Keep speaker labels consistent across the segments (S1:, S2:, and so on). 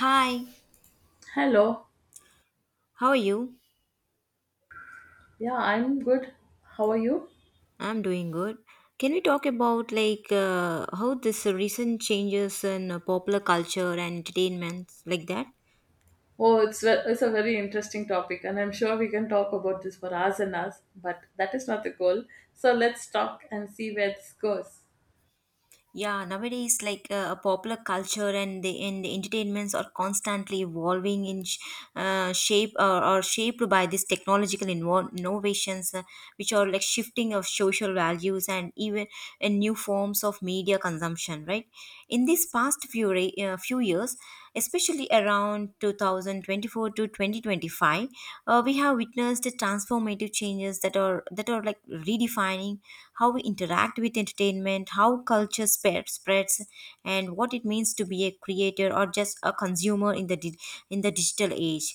S1: Hi,
S2: Hello.
S1: how are you?
S2: Yeah, I'm good. How are you?
S1: I'm doing good. Can we talk about, like, how this recent changes in popular culture and entertainment like that?
S2: Oh, it's it's a very interesting topic, and I'm sure we can talk about this for hours and hours. But that is not the goal. So let's talk and see where this goes.
S1: Yeah, nowadays, like, popular culture and the entertainments are constantly evolving in shape or shaped by these technological innovations, which are like shifting of social values and even in new forms of media consumption, right? In these past few years, especially around 2024 to 2025, we have witnessed the transformative changes that are like redefining how we interact with entertainment, how culture spreads, and what it means to be a creator or just a consumer in in the digital age.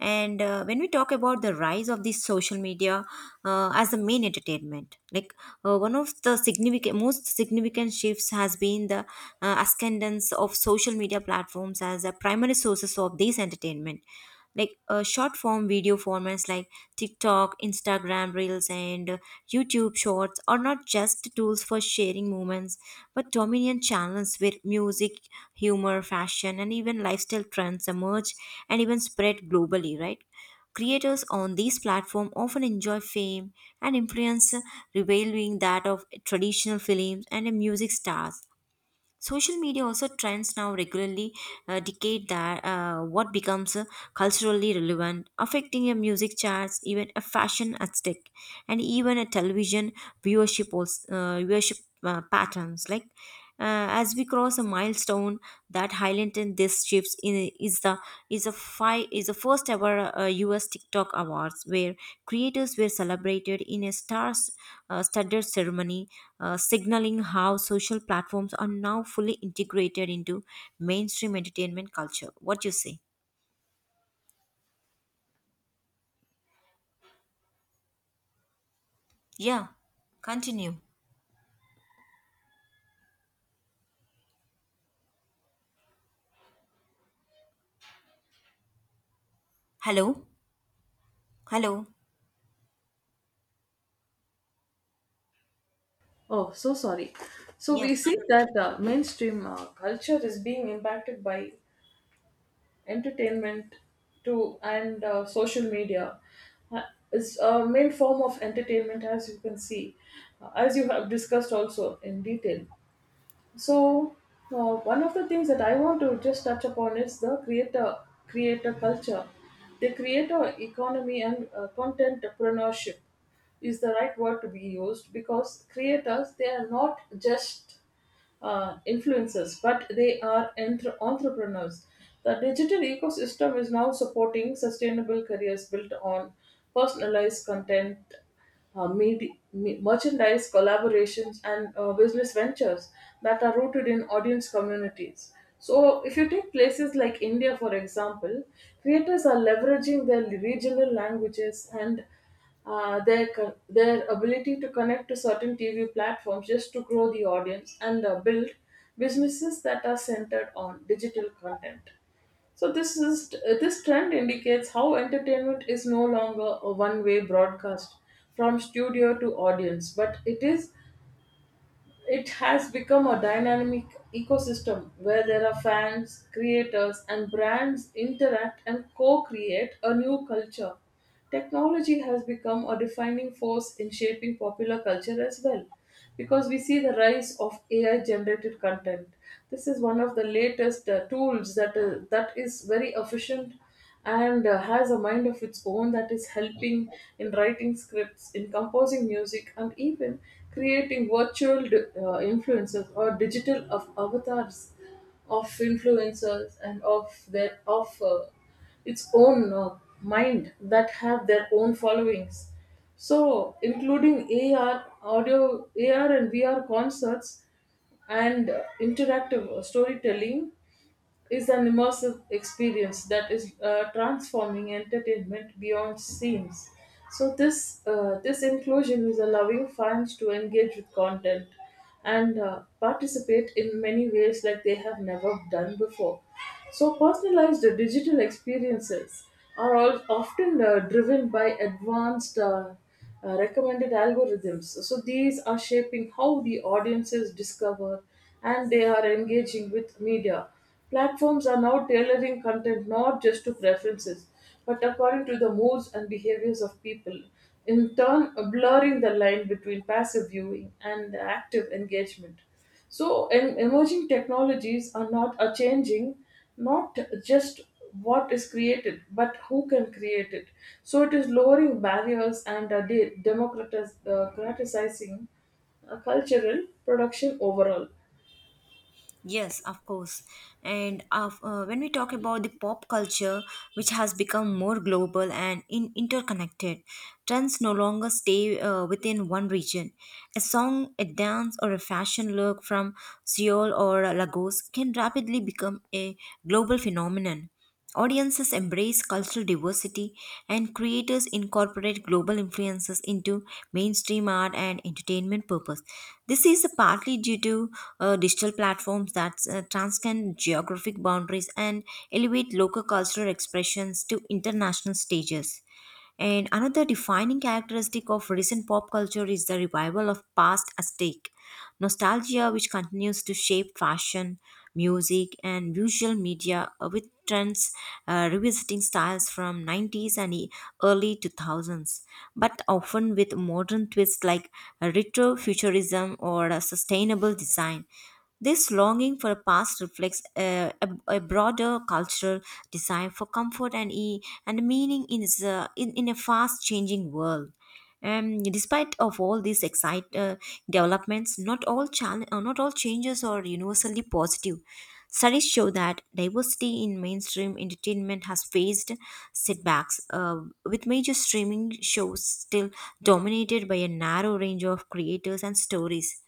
S1: And when we talk about the rise of these social media as the main entertainment, like, one of the significant most significant shifts has been the ascendance of social media platforms as a primary sources of this entertainment, like, short form video formats like TikTok, Instagram Reels, and YouTube Shorts are not just tools for sharing moments, but dominant channels where music, humor, fashion, and even lifestyle trends emerge and even spread globally, right? Creators on these platforms often enjoy fame and influence, revealing that of traditional films and music stars. Social media also trends now regularly dictate that what becomes culturally relevant, affecting a music charts, even a fashion aesthetic, and even a television viewership patterns. Like, as we cross a milestone that silent in these shifts in is the is a five is the first ever US TikTok Awards where creators were celebrated in a stars studded ceremony, signaling how social platforms are now fully integrated into mainstream entertainment culture. What you say? Yeah, continue. Hello, hello.
S2: Oh, so sorry. So
S1: Yes.
S2: we see that mainstream culture is being impacted by entertainment, too, and social media. Uh, is a main form of entertainment, as you can see, as you have discussed also in detail. So one of the things that I want to just touch upon is the creator culture, the creator economy and contentpreneurship is the right word to be used because creators they are not just influencers but they are entrepreneurs. The digital ecosystem is now supporting sustainable careers built on personalized content, merchandise collaborations and business ventures that are rooted in audience communities. So, if you take places like India, for example, creators are leveraging their regional languages and their co- their ability to connect to certain TV platforms just to grow the audience and build businesses that are centered on digital content. So this trend indicates how entertainment is no longer a one-way broadcast from studio to audience, but it has become a dynamic ecosystem where there are fans, creators, and brands interact and co create a new culture. Technology has become a defining force in shaping popular culture as well, because we see the rise of AI generated content. This is one of the latest tools that is very efficient and has a mind of its own that is helping in writing scripts, in composing music, and even creating virtual influencers or digital of avatars of influencers and of their of its own mind that have their own followings. So, including AR audio, AR and VR concerts, and interactive storytelling is an immersive experience that is transforming entertainment beyond scenes. So this inclusion is allowing fans to engage with content and participate in many ways like they have never done before. So personalized digital experiences are all often driven by advanced recommended algorithms. So these are shaping how the audiences discover and they are engaging with media. Platforms are now tailoring content not just to preferences, but according to the moods and behaviors of people, in turn, blurring the line between passive viewing and active engagement. So emerging technologies are changing not just what is created but who can create it. So it is lowering barriers and democratizing cultural production overall.
S1: Yes, of course. And when we talk about the pop culture, which has become more global and interconnected, trends no longer stay within one region. A song, a dance, or a fashion look from Seoul or Lagos can rapidly become a global phenomenon. Audiences embrace cultural diversity, and creators incorporate global influences into mainstream art and entertainment purpose. This is partly due to digital platforms that transcend geographic boundaries and elevate local cultural expressions to international stages. And another defining characteristic of recent pop culture is the revival of past aesthetic nostalgia, which continues to shape fashion, music, and visual media with trends revisiting styles from nineties and early 2000s, but often with modern twists like retro futurism or a sustainable design. This longing for a past reflects a broader cultural desire for comfort and meaning in a fast changing world. Despite of all these excite developments, not all not all changes are universally positive. Studies show that diversity in mainstream entertainment has faced setbacks, with major streaming shows still dominated by a narrow range of creators and stories.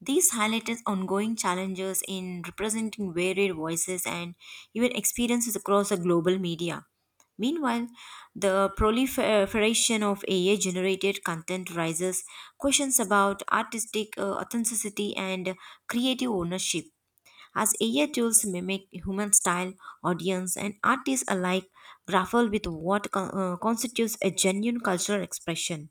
S1: These highlighted ongoing challenges in representing varied voices and even experiences across the global media. Meanwhile, the proliferation of AI generated content raises questions about artistic authenticity and creative ownership. As AI tools mimic human style, audience, and artists alike grapple with what constitutes a genuine cultural expression.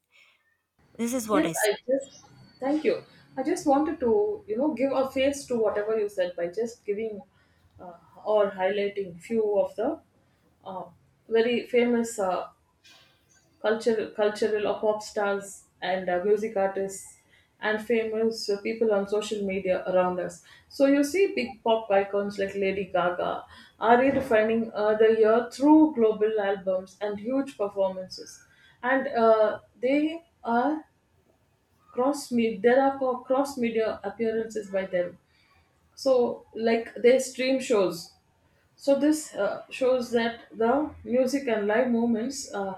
S1: This is what
S2: Yes,
S1: I say.
S2: I just thank you. I just wanted to give a face to whatever you said by just giving uh, or highlighting few of the uh, very famous cultural or pop stars and music artists and famous people on social media around us. So you see big pop icons like Lady Gaga are redefining the year through global albums and huge performances, and they are cross media. There are cross media appearances by them. So like they stream shows, so this shows that the music and live movements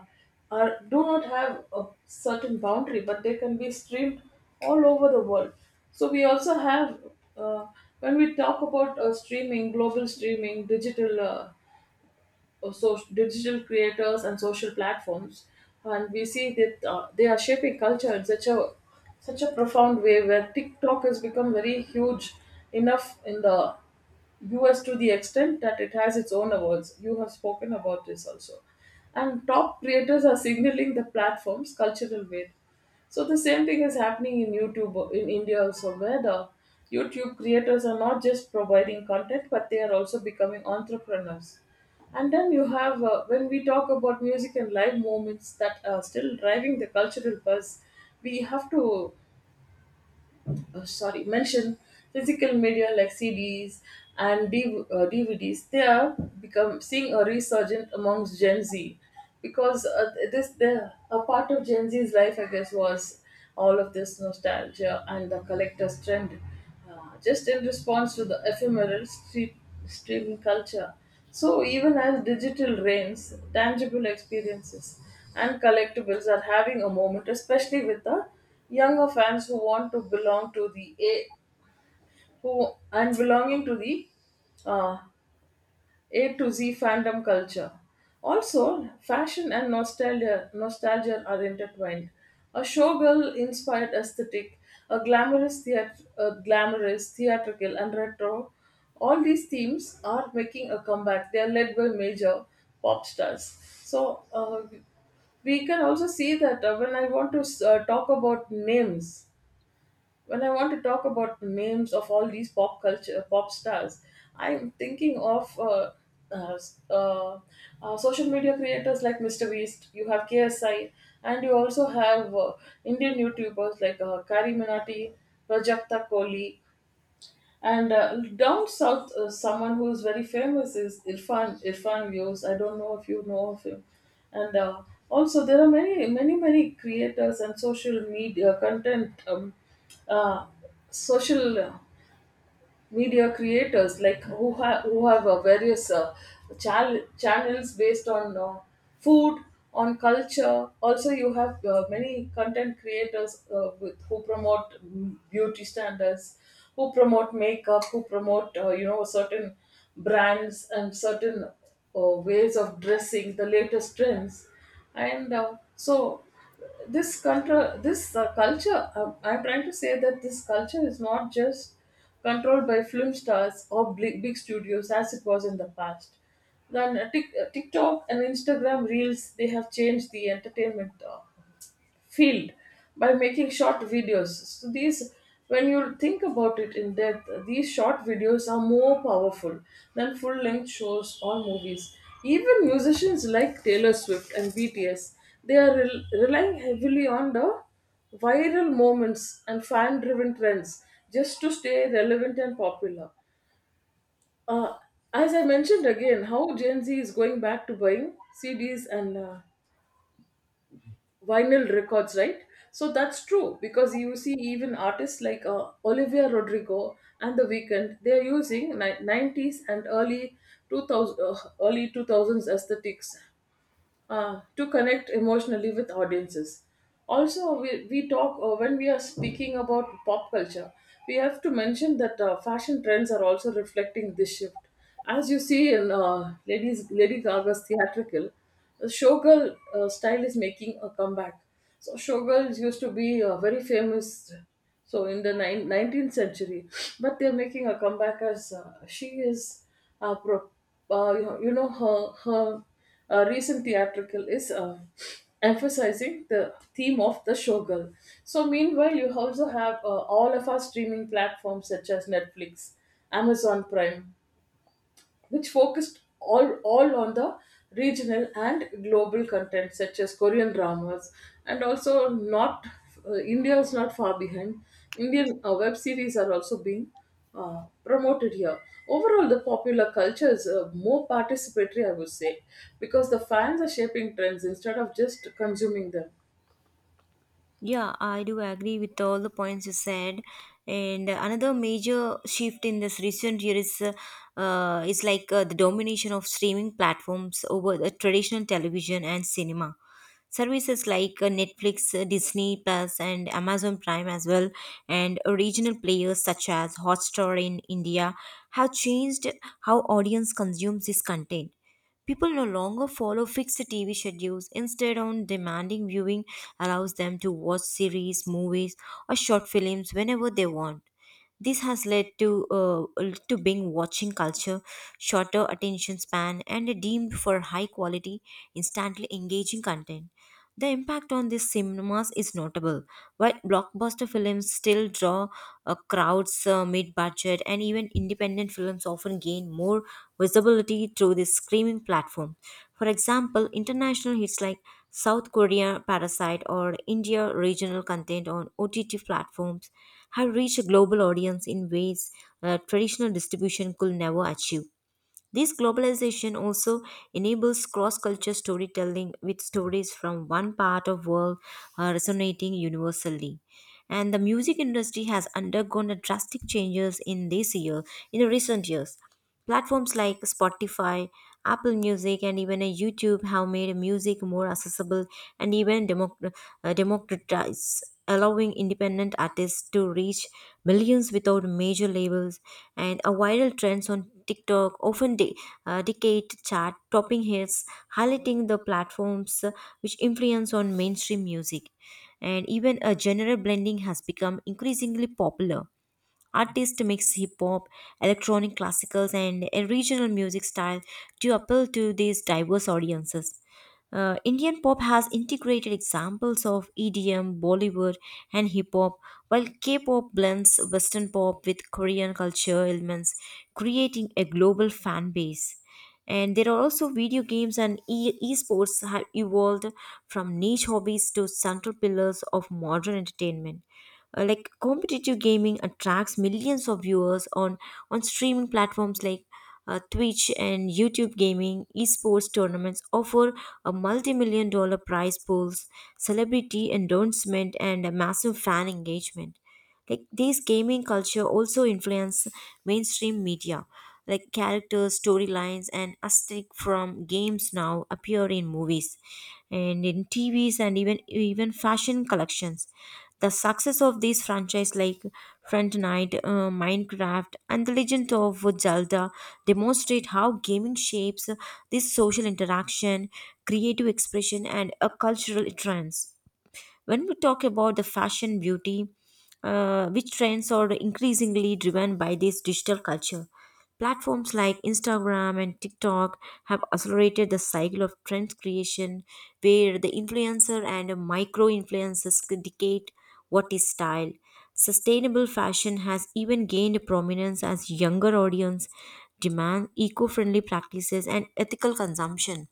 S2: are do not have a certain boundary, but they can be streamed all over the world. So we also have uh, when we talk about streaming, global streaming, digital digital creators and social platforms, and we see that they are shaping culture in such a profound way, where TikTok has become very huge enough in the US to the extent that it has its own awards. You have spoken about this also. And top creators are signaling the platform's cultural weight. So the same thing is happening in YouTube in India also, where the YouTube creators are not just providing content, but they are also becoming entrepreneurs. And then you have when we talk about music and live moments that are still driving the cultural buzz, we have to sorry mention physical media like CDs and DVDs. They are become seeing a resurgence amongst Gen Z because this the a part of Gen Z's life, I guess, was all of this nostalgia and the collector's trend, just in response to the streaming culture. So, even as digital reigns, tangible experiences and collectibles are having a moment, especially with the younger fans who want to belonging to the uh, a to Z fandom culture. Also, nostalgia are intertwined. A showgirl inspired aesthetic, a glamorous theatrical, and retro. All these themes are making a comeback. They are led by major pop stars. So, we can also see that when I want to talk about names, when I want to talk about the names of all these pop culture pop stars, I'm thinking of uh, uh, social media creators like Mr. Beast. You have KSI, and you also have Indian YouTubers like Kari Minati, Prajakta Kohli. And down south, someone who is very famous is Irfan Views. I don't know if you know of him. And also, there are many, many, many creators and social media content, uh, social. Media creators like who have various channels based on food, on culture. Also you have many content creators with who promote beauty standards, who promote makeup, who promote certain brands and certain ways of dressing, the latest trends, and so this control this culture I'm trying to say that this culture is not just controlled by film stars or big, big studios as it was in the past. Then tiktok and instagram reels, they have changed the entertainment field by making short videos. So these, when you think about it in depth, these short videos are more powerful than full-length shows or movies. Even musicians like Taylor Swift and BTS, they are relying heavily on the viral moments and fan-driven trends just to stay relevant and popular. Uh, as I mentioned again, how Gen Z is going back to buying CDs and vinyl records, right? So that's true, because you see, even artists like Olivia Rodrigo and The Weeknd, they're using 90s and early 2000s aesthetics, to connect emotionally with audiences. Also, we talk when we are speaking about pop culture, we have to mention that fashion trends are also reflecting this shift. As you see in Lady Gaga's theatrical, the showgirl style is making a comeback. So showgirls used to be very famous. So in the 19th century, but they're making a comeback as she is. Uh, pro, you know her recent theatrical is emphasizing the theme of the showgirl. So meanwhile, you also have all of our streaming platforms such as Netflix, Amazon Prime, which focused all on the regional and global content such as Korean dramas and also not India is not far behind. Indian web series are also being promoted here. Overall, the popular culture is more participatory, I would say, because the fans are shaping trends instead of just consuming them.
S1: Yeah, I do agree with all the points you said. And another major shift in this recent year is the domination of streaming platforms over the traditional television and cinema. Services like, Netflix, Disney Plus, and Amazon Prime as well, and regional players such as Hotstar in India have changed how audience consumes this content. People no longer follow fixed TV schedules. Instead, on demanding viewing allows them to watch series, movies, or short films whenever they want. This has led to being watching culture, shorter attention span, and a deemed for high quality, instantly engaging content. The impact on these cinemas is notable. While blockbuster films still draw crowds, mid-budget and even independent films often gain more visibility through this streaming platform. For example, international hits like South Korea Parasite or India regional content on OTT platforms have reached a global audience in ways traditional distribution could never achieve. This globalization also enables cross-culture storytelling with stories from one part of world resonating universally. And the music industry has undergone a drastic changes in this year, in the recent years. Platforms like Spotify, Apple Music, and even YouTube have made music more accessible and even democratized, allowing independent artists to reach millions without major labels. And a viral trends on TikTok often dictate chart topping hits, highlighting the platforms which influence on mainstream music. And even a genre blending has become increasingly popular. Artists mix hip hop, electronic classicals, and a regional music style to appeal to these diverse audiences. Indian pop has integrated examples of EDM, Bollywood, and hip hop, while K pop blends Western pop with Korean culture elements, creating a global fan base. And there are also video games and esports have evolved from niche hobbies to central pillars of modern entertainment. Like competitive gaming attracts millions of viewers on streaming platforms like Twitch and YouTube gaming. Esports tournaments offer a multi-million-dollar prize pools, celebrity endorsement, and a massive fan engagement. Like this gaming culture also influence mainstream media, like characters storylines and aesthetic from games now appear in movies and in tvs and even fashion collections. The success of these franchises, like Fortnite, minecraft, and the legend of zelda, demonstrate how gaming shapes this social interaction, creative expression, and a cultural trends. When we talk about the fashion beauty, which trends are increasingly driven by this digital culture. Platforms like Instagram and TikTok have accelerated the cycle of trend creation where the influencer and micro influencers dictate what is style. Sustainable fashion has even gained prominence as younger audience demand eco-friendly practices and ethical consumption.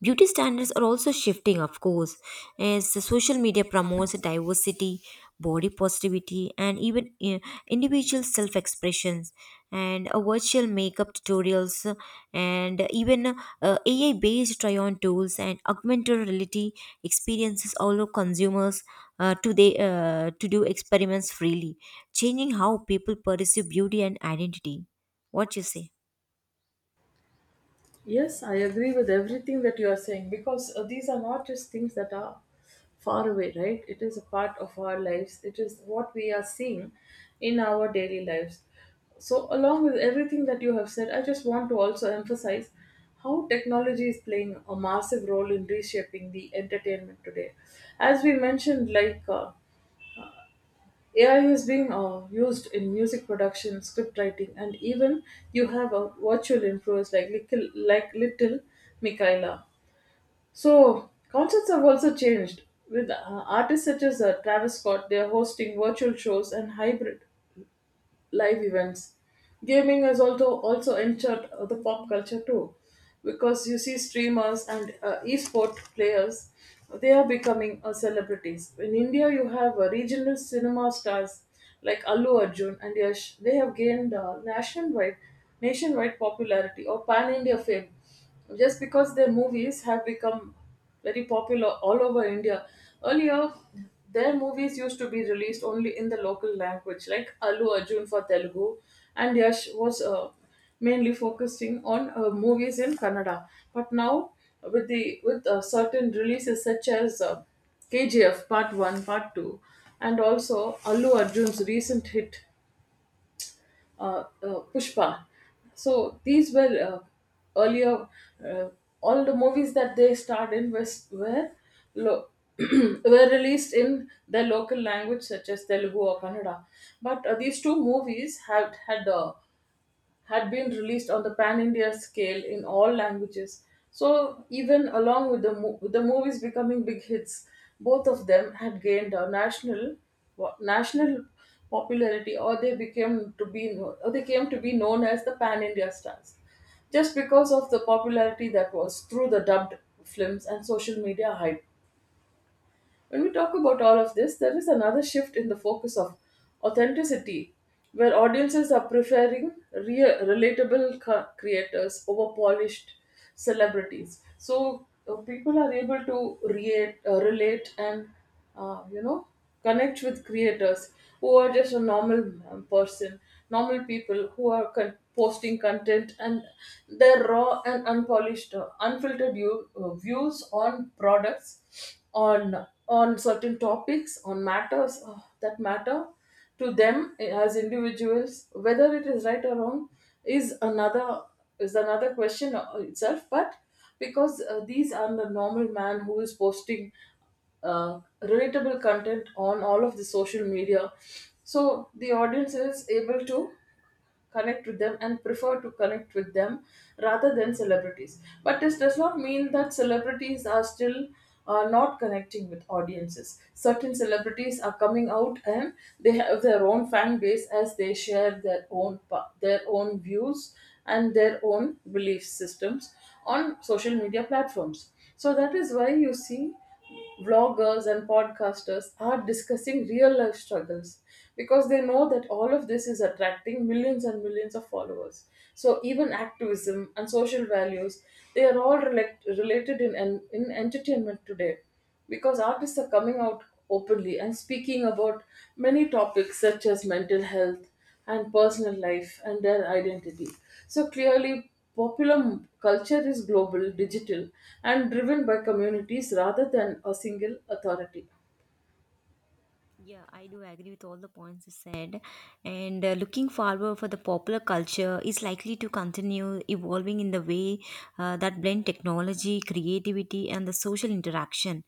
S1: Beauty standards are also shifting, of course, as the social media promotes diversity, body positivity, and even individual self expressions, and virtual makeup tutorials, and even AI based try on tools and augmented reality experiences allow consumers to do experiments freely, changing how people perceive beauty and identity. What you say?
S2: Yes, I agree with everything that you are saying because these are not just things that are far away, right? It is a part of our lives. It is what we are seeing in our daily lives. So, along with everything that you have said, I just want to also emphasize how technology is playing a massive role in reshaping the entertainment today. As we mentioned, like AI is being used in music production, script writing, and even you have a virtual influence like like little Michaela. So concerts have also changed with artists such as Travis Scott. They are hosting virtual shows and hybrid live events. Gaming has also entered the pop culture too, because you see streamers and esport players, they are becoming celebrities. In India, you have regional cinema stars like Allu Arjun and Yash. They have gained nationwide popularity or pan India fame just because their movies have become very popular all over India. Earlier, their movies used to be released only in the local language, like Allu Arjun for Telugu, and Yash was mainly focusing on movies in Kannada. But now, with the with certain releases such as KGF Part 1, Part 2, and also Allu Arjun's recent hit, Pushpa. So these were earlier uh, all the movies that they starred in were lo- were released in their local language such as Telugu or Kannada. But these two movies had been released on the pan India scale in all languages. So, even along with with the movies becoming big hits, both of them had gained a national national popularity, or they became to be kno- or they came to be known as the pan India stars just because of the popularity that was through the dubbed films and social media hype. When we talk about all of this, there is another shift in the focus of authenticity, where audiences are preferring real, relatable creators over polished celebrities. So people are able to relate and uh, you know connect with creators who are just a normal person, normal people who are posting content, and their raw and unpolished unfiltered views on products, on certain topics, on matters that matter to them as individuals. Whether it is right or wrong is another is another question itself, but because these are the normal man who is posting relatable content on all of the social media, so the audience is able to connect with them and prefer to connect with them rather than celebrities. But this does not mean that celebrities are still not connecting with audiences. Certain celebrities are coming out, and they have their own fan base as they share their own their own views and their own belief systems on social media platforms. So that is why you see vloggers and podcasters are discussing real life struggles, because they know that all of this is attracting millions and millions of followers. So even activism and social values, they are related in entertainment today, because artists are coming out openly and speaking about many topics such as mental health and personal life and their identity. So clearly, popular culture is global, digital, and driven by communities rather than a single authority.
S1: Yeah, I do agree with all the points you said. And looking forward for the popular culture is likely to continue evolving in the way that blend technology, creativity, and the social interaction.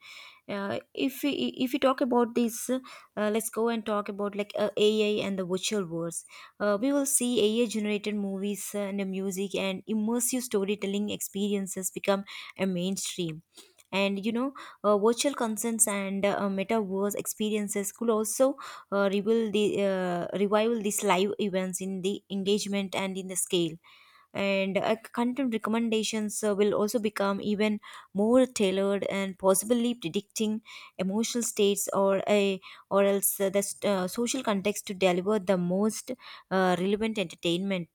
S1: Uh, if we, if we talk about this, let's go and talk about, like, AI and the virtual worlds. We will see AI generated movies and the music and immersive storytelling experiences become a mainstream, and, you know, virtual consents and metaverse experiences could also reveal the revival these live events in the engagement and in the scale, and content recommendations will also become even more tailored and possibly predicting emotional states or a or else social context to deliver the most relevant entertainment,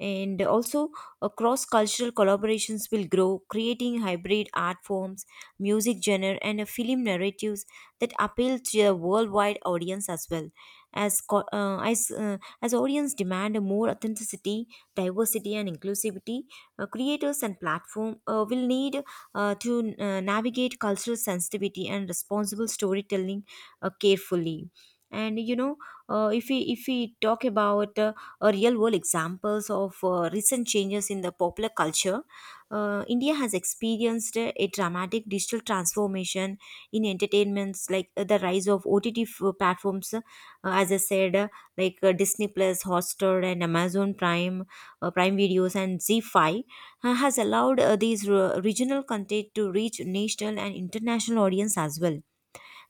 S1: and also cross cultural collaborations will grow, creating hybrid art forms, music genre, and film narratives that appeal to a worldwide audience as well. As as audience demand more authenticity, diversity, and inclusivity, creators and platform will need to navigate cultural sensitivity and responsible storytelling carefully. And, you know, if we talk about real world examples of recent changes in the popular culture, India has experienced a dramatic digital transformation in entertainments, like, the rise of OTT platforms, as I said, like, Disney Plus, Hotstar, and Amazon Prime, Prime Videos, and Z5, has allowed regional content to reach national and international audience as well.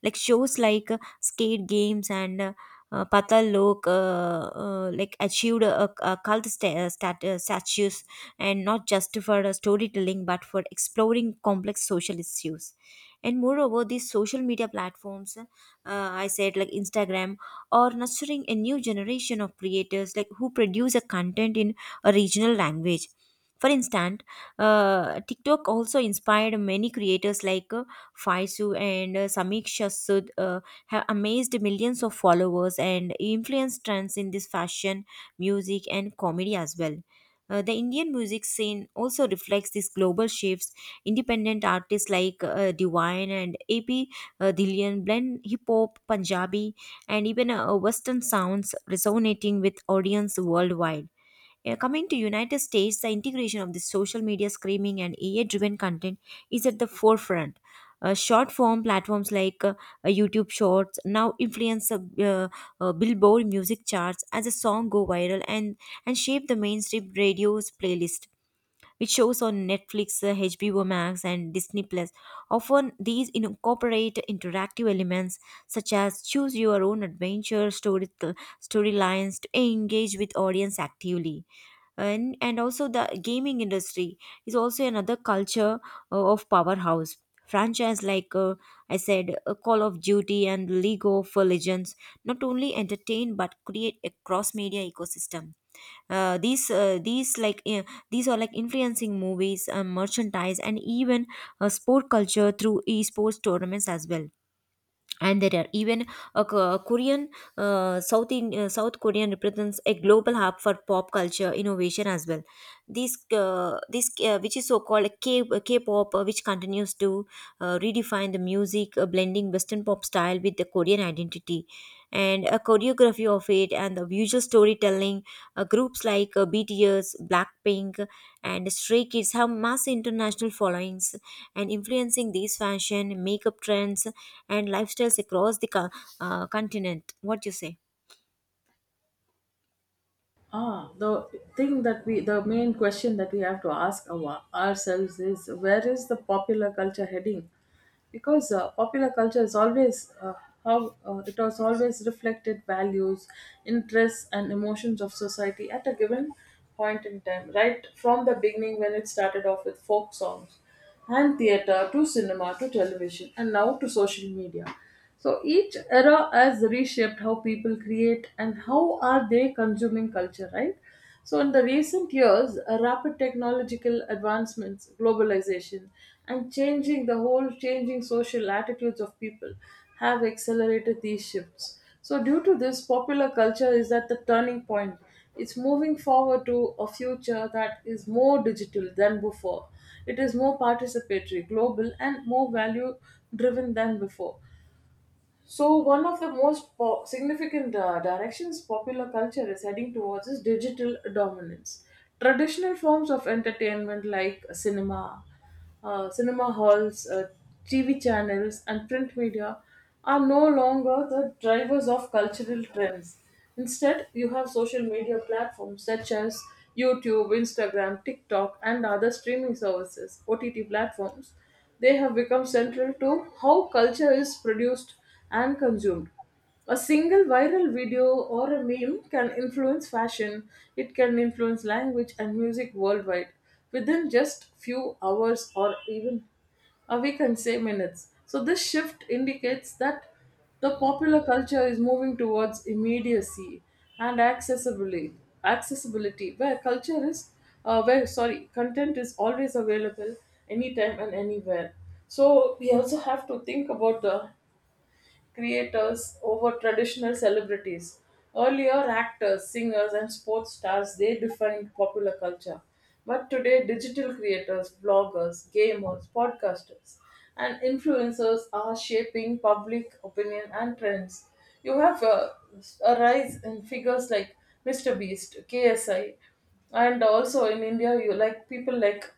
S1: Like shows like skate games and Patal Lok like achieved a cult statues and not just for storytelling but for exploring complex social issues. And moreover these social media platforms, I said, like, instagram are nurturing a new generation of creators like who produce a content in a regional language. For instance, tiktok also inspired many creators like Faisu and Samiksha Sud have amazed millions of followers and influenced trends in this fashion, music, and comedy as well. The Indian music scene also reflects these global shifts. Independent artists like Divine and AP Dhillon blend hip hop, Punjabi, and even Western sounds, resonating with audience worldwide. Coming to United States, the integration of the social media screaming and AI-driven content is at the forefront. Short form platforms like YouTube Shorts now influence the Billboard music charts as a song go viral and shape the mainstream radio's playlist which shows on Netflix, HBO Max, and Disney Plus. Often, these incorporate interactive elements such as choose your own adventure story storylines to engage with audience actively. And also the gaming industry is also another culture of powerhouse franchise like, I said call of duty and league of legends, not only entertain but create a cross media ecosystem. uh, these uh, these like uh, these are like influencing movies, merchandise, and even sport culture through esports tournaments as well. And there are even a K- Korean South Korean represents a global hub for pop culture innovation as well. This this Which is so called K K-pop, which continues to redefine the music, blending Western pop style with the Korean identity, and a choreography of it and the visual storytelling. Groups like BTS, Blackpink, and Stray Kids have mass international followings, and influencing these fashion, makeup trends, and lifestyles across the continent. What do you say?
S2: Ah, the thing that the main question that we have to ask ourselves is, where is the popular culture heading? Because popular culture is always how it has always reflected values, interests, and emotions of society at a given point in time, right from the beginning when it started off with folk songs and theatre, to cinema, to television, and now to social media. So each era has reshaped how people create and how are they consuming culture, right? So in the recent years, rapid technological advancements, globalization, and changing the whole changing social attitudes of people have accelerated these shifts. So due to this, popular culture is at the turning point. It's moving forward to a future that is more digital than before. It is more participatory, global, and more value driven than before. So, one of the most significant directions popular culture is heading towards is digital dominance. Traditional forms of entertainment like cinema, cinema halls, TV channels, and print media are no longer the drivers of cultural trends. Instead, you have social media platforms such as YouTube, Instagram, TikTok, and other streaming services, OTT platforms. They have become central to how culture is produced and consumed. A single viral video or a meme can influence fashion, it can influence language and music worldwide within just few hours, or even we can say minutes. So this shift indicates that the popular culture is moving towards immediacy and accessibility, accessibility where sorry, content is always available anytime and anywhere. So we also have to think about the creators over traditional celebrities. Earlier, actors, singers, and sports stars, they defined popular culture, but today, digital creators, bloggers, gamers, podcasters, and influencers are shaping public opinion and trends. You have a rise in figures like Mr. Beast, KSI, and also in India, you like people like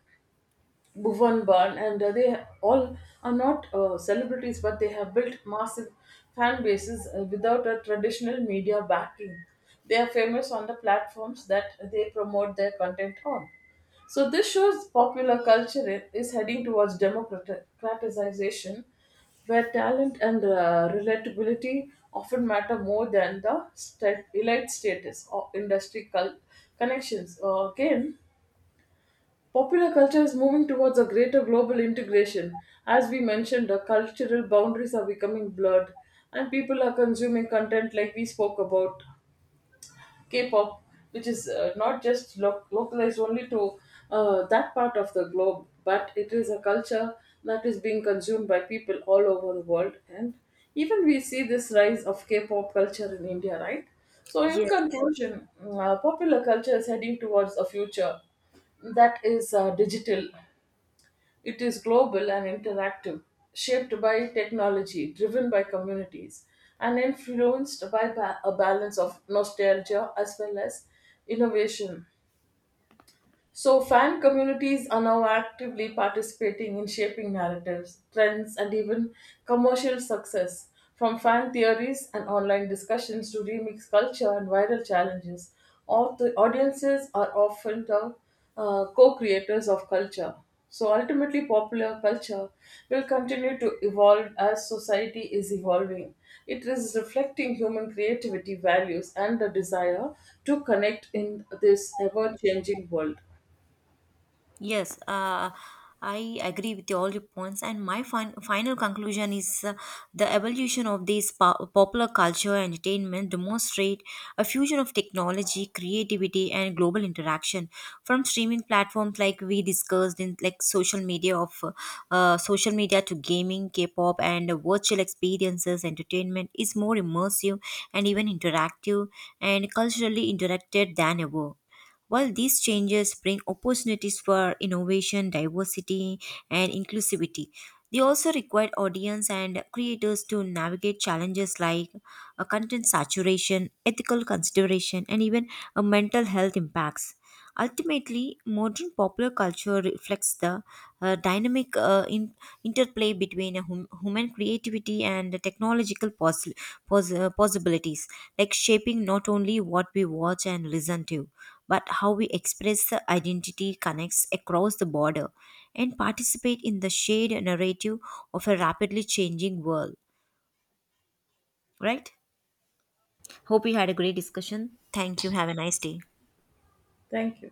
S2: Bhuvan Ban, and they all are not celebrities, but they have built massive fan bases without a traditional media backing. They are famous on the platforms that they promote their content on. So this shows popular culture is heading towards democratization, where talent and relatability often matter more than the elite status or industry connections. Again, popular culture is moving towards a greater global integration. As we mentioned, the cultural boundaries are becoming blurred, and people are consuming content like we spoke about K-pop, which is not just lo- localized only to that part of the globe, but it is a culture that is being consumed by people all over the world. And even we see this rise of K-pop culture in India, right? So, in
S1: Yes.
S2: conclusion, popular culture is heading towards a future that is digital, it is global and interactive, shaped by technology, driven by communities, and influenced by a balance of nostalgia as well as innovation. So, fan communities are now actively participating in shaping narratives, trends, and even commercial success. From fan theories and online discussions to remix culture and viral challenges, all the audiences are often the co creators of culture. So, ultimately, popular culture will continue to evolve as society is evolving. It is reflecting human creativity, values, and the desire to connect in this ever changing world.
S1: Yes, I agree with all your points, and my final conclusion is, the evolution of this popular culture and entertainment demonstrate a fusion of technology, creativity, and global interaction. From streaming platforms like we discussed in like social media of social media to gaming, K-pop, and virtual experiences, entertainment is more immersive and even interactive and culturally interacted than ever. While these changes bring opportunities for innovation, diversity, and inclusivity, they also require audience and creators to navigate challenges like content saturation, ethical consideration, and even mental health impacts. Ultimately, modern popular culture reflects the dynamic interplay between a human creativity and the technological possibilities, like shaping not only what we watch and listen to, but how we express the identity connects across the border and participate in the shared narrative of a rapidly changing world. Right? Hope you had a great discussion. Thank you. Have a nice day.
S2: Thank you.